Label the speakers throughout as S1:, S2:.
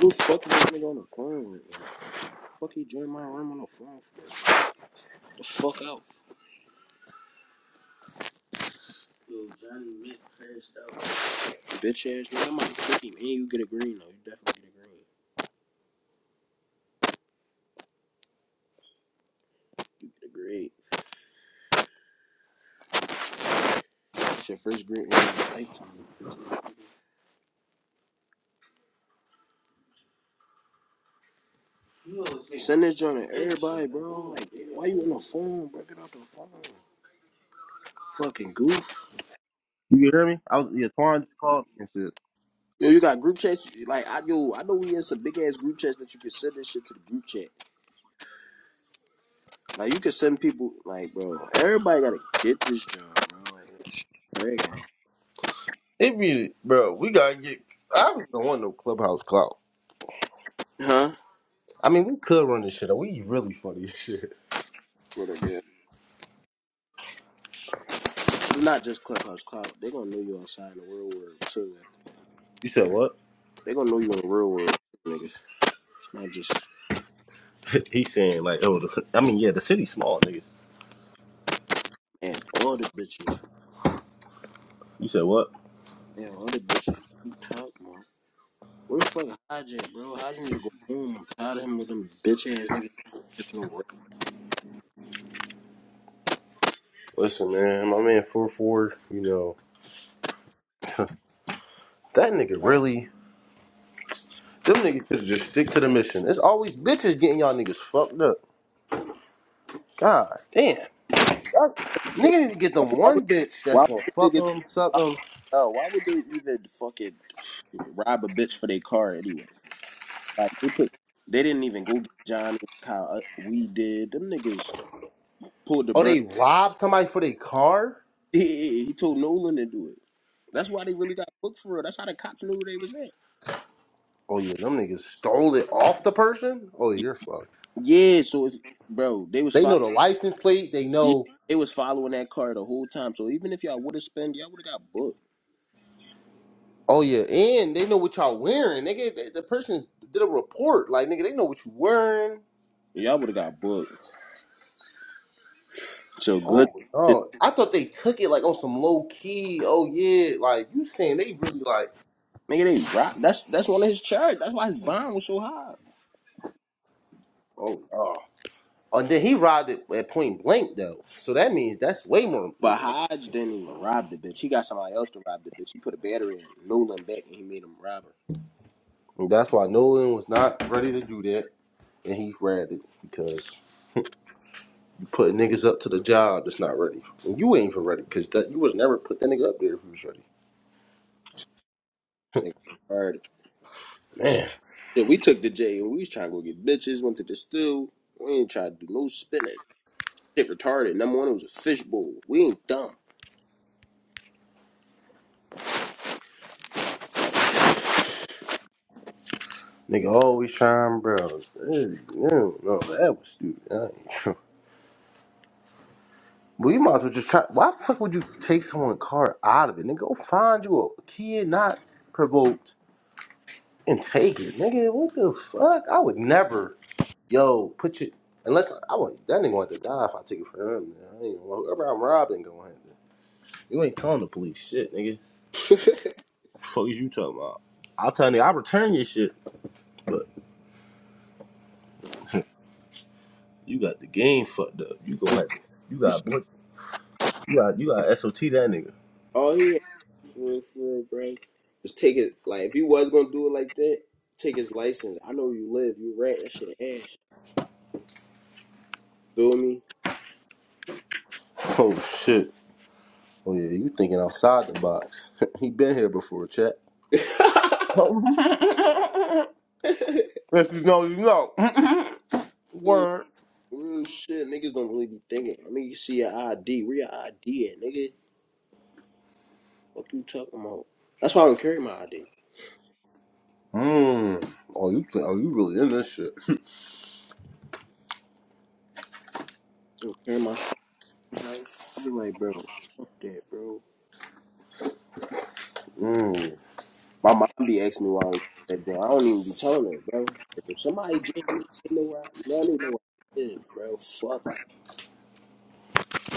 S1: Who the fuck is this nigga on the phone with? Like, fuck he joined my room on the phone for? The fuck out. Bitch ass nigga, I'm about to kick him. And you get a green though. You definitely get a green. You get a green. It's your first green in your lifetime. Send this joint to everybody, bro. Like, why you on the phone, bro? Get off the phone. Fucking goof.
S2: You can hear me? I was yeah, Twan just called me and shit.
S1: Yo, you got group chats? Like, I yo, I know we in some big ass group chats that you can send this shit to the group chat. Like, you can send people, like, bro, everybody gotta get this job, bro. Like,
S2: It be bro, we gotta get I really don't want no clubhouse clout.
S1: huh?
S2: I mean we could run this shit up. We really funny as shit.
S1: What crazy. Huh? It's not just Clubhouse Cloud. They gonna know you outside in the real world too.
S2: You said what?
S1: They gonna know you in the real world, nigga. It's not just
S2: He's saying like, oh the, I mean yeah, the city's small, nigga.
S1: man. All the bitches,
S2: You said what?
S1: man. All the bitches. You talk, man. Where the fuck Hodge at, bro? Hodge need to go home. I'm tired of him with them bitch ass niggas. Catching away.
S2: Listen, man, my man four four, you know that nigga really them niggas should just stick to the mission. It's always bitches getting y'all niggas fucked up. God damn. Y'all- Nigga need to get them one bitch
S1: Why
S2: that's gonna
S1: would the
S2: fuck
S1: niggas?
S2: them, suck them.
S1: Oh, why would they even fucking rob a bitch for their car anyway? Like they put, they didn't even go get Johnny like how uh, we did. Them niggas pulled the
S2: Oh,
S1: burn.
S2: they robbed somebody for their car?
S1: Yeah, he told Nolan to do it. That's why they really got booked for real. That's how the cops knew where they was at.
S2: Oh yeah, them niggas stole it off the person. Oh yeah, you're fucked.
S1: Yeah, so if bro, they was
S2: They
S1: following
S2: know the license plate. They know.
S1: they was following that car the whole time. So even if y'all would have spent, y'all would have got booked.
S2: Oh yeah, and they know what y'all wearing. Nigga, the the person did a report. Like nigga, they know what you wearing.
S1: Y'all would have got booked. So good
S2: Oh
S1: shit.
S2: no, I thought they took it like on some low key. Oh yeah, like you saying they really like.
S1: nigga they robbed that's that's one of his charge. That's why his bond was so high.
S2: Oh oh. And then he robbed it at point blank though, so that means that's way more.
S1: But
S2: Yeah,
S1: Hodge didn't even rob the bitch. He got somebody else to rob the bitch. He put a battery in Nolan back and he made him rob her.
S2: And that's why Nolan was not ready to do that, and he grabbed it because Putting niggas up to the job that's not ready. And you ain't even ready, cause that you was never put that nigga up there if you was ready.
S1: Nigga heard it.
S2: Man,
S1: Shit, we took the J and we was trying to go get bitches, went to the still. We ain't trying to do no spinning. shit retarded. Number one, it was a fishbowl. We ain't dumb.
S2: nigga always trying, bro. Hey, No, no, that was stupid. I ain't- sure. Well, you might as well just try. Why the fuck would you take someone's car out of it? Nigga, go find you a kid not provoked and take it. Nigga, what the fuck? I would never. Yo, put your. Unless I want that nigga want to die if I take it from him. Man. I ain't, whoever I'm robbing, gonna You ain't telling the police shit, nigga. Fuck is you talking about? I'll tell you, I'll return your shit, but you got the game fucked up. You gonna have to, you got you got you got SOT that nigga.
S1: all he had for real, for real, bro, was take it. Like if he was gonna do it like that, take his license. I know where you live. You rent that shit ass. Feel me?
S2: Oh shit. Oh yeah, you thinking outside the box. he been here before, chat. If you know, you know.
S1: Dude,
S2: Word.
S1: Real shit, niggas don't really be thinking. I mean, you see your ID, where your ID at, nigga? Fuck you talking about? That's why I don't carry my ID.
S2: Mmm. Oh, you think? Oh, you really in this shit?
S1: I don't carry my. I be like, bro, fuck that, bro.
S2: Mmm.
S1: My mom be asking me why I'm that joint. I don't even be telling her, bro. If somebody jam me, they know where I, they don't even know where I live, bro. Fuck.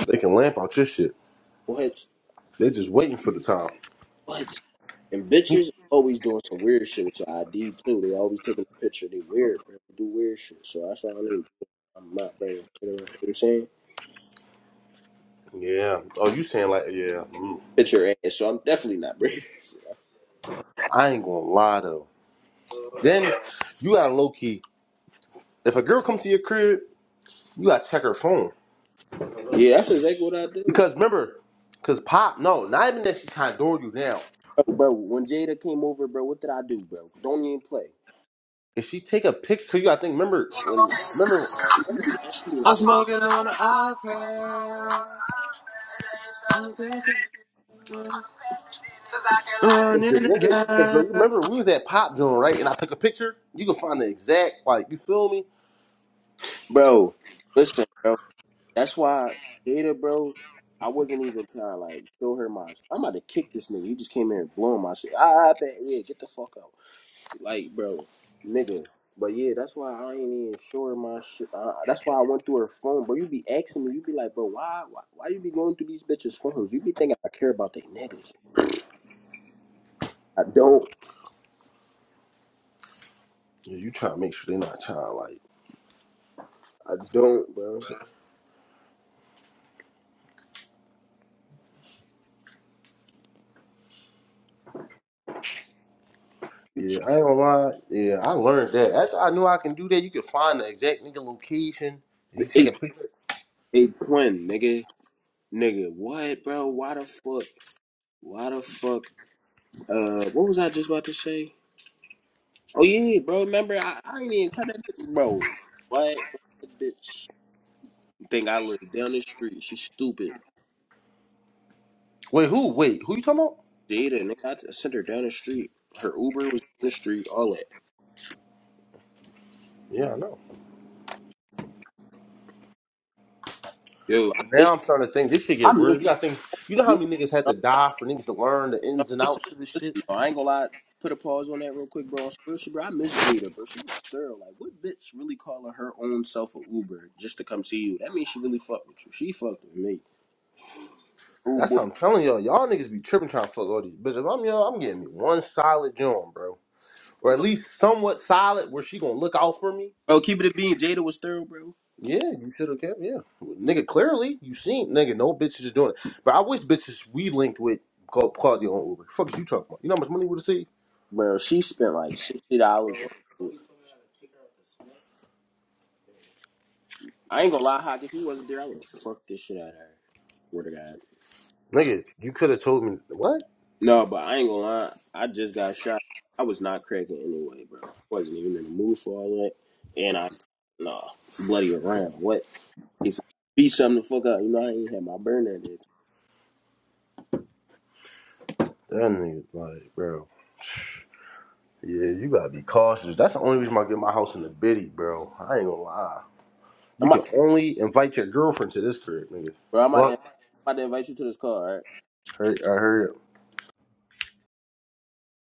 S2: They can lamp out your shit.
S1: What?
S2: They just waiting for the time.
S1: What? And bitches always doing some weird shit with your ID too. They always taking a picture. They weird, bro. They do weird shit. So that's why I don't even. I'm not bringing. shit around. You know what I'm saying?
S2: yeah. Oh, you saying like yeah? Mm.
S1: Picture ass. So I'm definitely not bringing. shit.
S2: I ain't gonna lie though. Then you got to low key. If a girl comes to your crib, you gotta check her phone.
S1: Yeah, that's exactly what I do.
S2: Because remember, because pop, no, not even that she's trying to door you down.
S1: Bro, bro, when Jada came over, bro, what did I do, bro? Don't even play.
S2: If she take a picture, cause you gotta think, remember when, remember,
S1: You be asking me like,
S3: I'm
S1: why?
S3: smoking on an iPad. I'm facing on
S2: if the
S3: in
S2: nigga, cause remember we was at Pop Joint, right? And I took a picture. You can find the exact, like, you feel me?
S1: Bro, listen, bro. That's why Jada, bro, I wasn't even trying to like show her my. I'm about to kick this nigga. You just came here and blowing my shit. I, I bet, yeah, get the fuck out, like, bro, nigga. But yeah, that's why I ain't even show her my shit. Uh, that's why I went through her phone, bro. You be asking me, you be like, bro, why, why, why you be going through these bitches' phones? You be thinking I care about they niggas. I don't,
S2: Yeah, you trying to make sure they not trying, like,
S1: I don't, bro.
S2: so-
S1: You tr-
S2: yeah, I ain't gonna lie. Yeah, I learned that. After I knew I can do that, you can find the exact nigga location. If you take
S1: eight,
S2: a picture,
S1: eight twin, nigga, nigga. What, bro? Why the fuck? Why the fuck? Uh, what was I just about to say? Oh yeah, yeah, bro. Remember, I, I didn't even tell that bitch, bro. What that bitch? Think I live down the street? She's stupid.
S2: wait, who? Wait, who you talking about?
S1: Jada, nigga, I sent her down the street. Her Uber was down the street. All that.
S2: Yeah, I know.
S1: Yo, I miss.
S2: Now I'm starting to think this could
S1: I
S2: get real.
S1: miss
S2: You gotta think. You know how
S1: you.
S2: many niggas had
S1: No,
S2: to die for niggas to learn the
S1: no,
S2: ins and
S1: listen,
S2: outs of this shit.
S1: listen. No, I ain't gonna lie. Put a pause on that real quick, bro. On Spurs, bro, I miss Jada, bro. She was thorough. Like, what bitch really calling her own self a Uber just to come see you? That means she really fucked with you. She fucked with me.
S2: That's
S1: Uber.
S2: what I'm telling y'all. Y'all niggas be tripping trying to fuck all these bitches. If I'm y'all, I'm getting me one solid joint, bro, or at
S1: Yo,
S2: least somewhat solid where she gonna look out for me.
S1: Bro, keep it a bean. Jada was thorough, bro.
S2: Yeah, you should have kept. Yeah, nigga. Clearly, you seen nigga. No bitches is doing it. But I wish bitches we linked with called called you on Uber. Fuck is you talking about? You know how much money would have saved,
S1: Bro, she spent like sixty dollars. on I ain't gonna lie, Hawk. If he wasn't there, I would have fucked this shit out of her. Swear to God.
S2: nigga? You could have told me what
S1: No, but I ain't gonna lie. I just got shot. I was not cracking anyway, bro. I wasn't even in the mood for all that. And I, nah, bloody around. What? he's said, beat something to fuck up. You know, I ain't had my burner at it.
S2: that nigga like, bro. Yeah, you gotta be cautious. That's the only reason why I get my house in the biddy, bro. I ain't gonna lie.
S1: I'm
S2: You can
S1: about,
S2: only invite your girlfriend to this crib, nigga.
S1: bro. I'm about to,
S2: Fuck.
S1: I'm about to invite you to this car, all right?
S2: Hurry, I heard.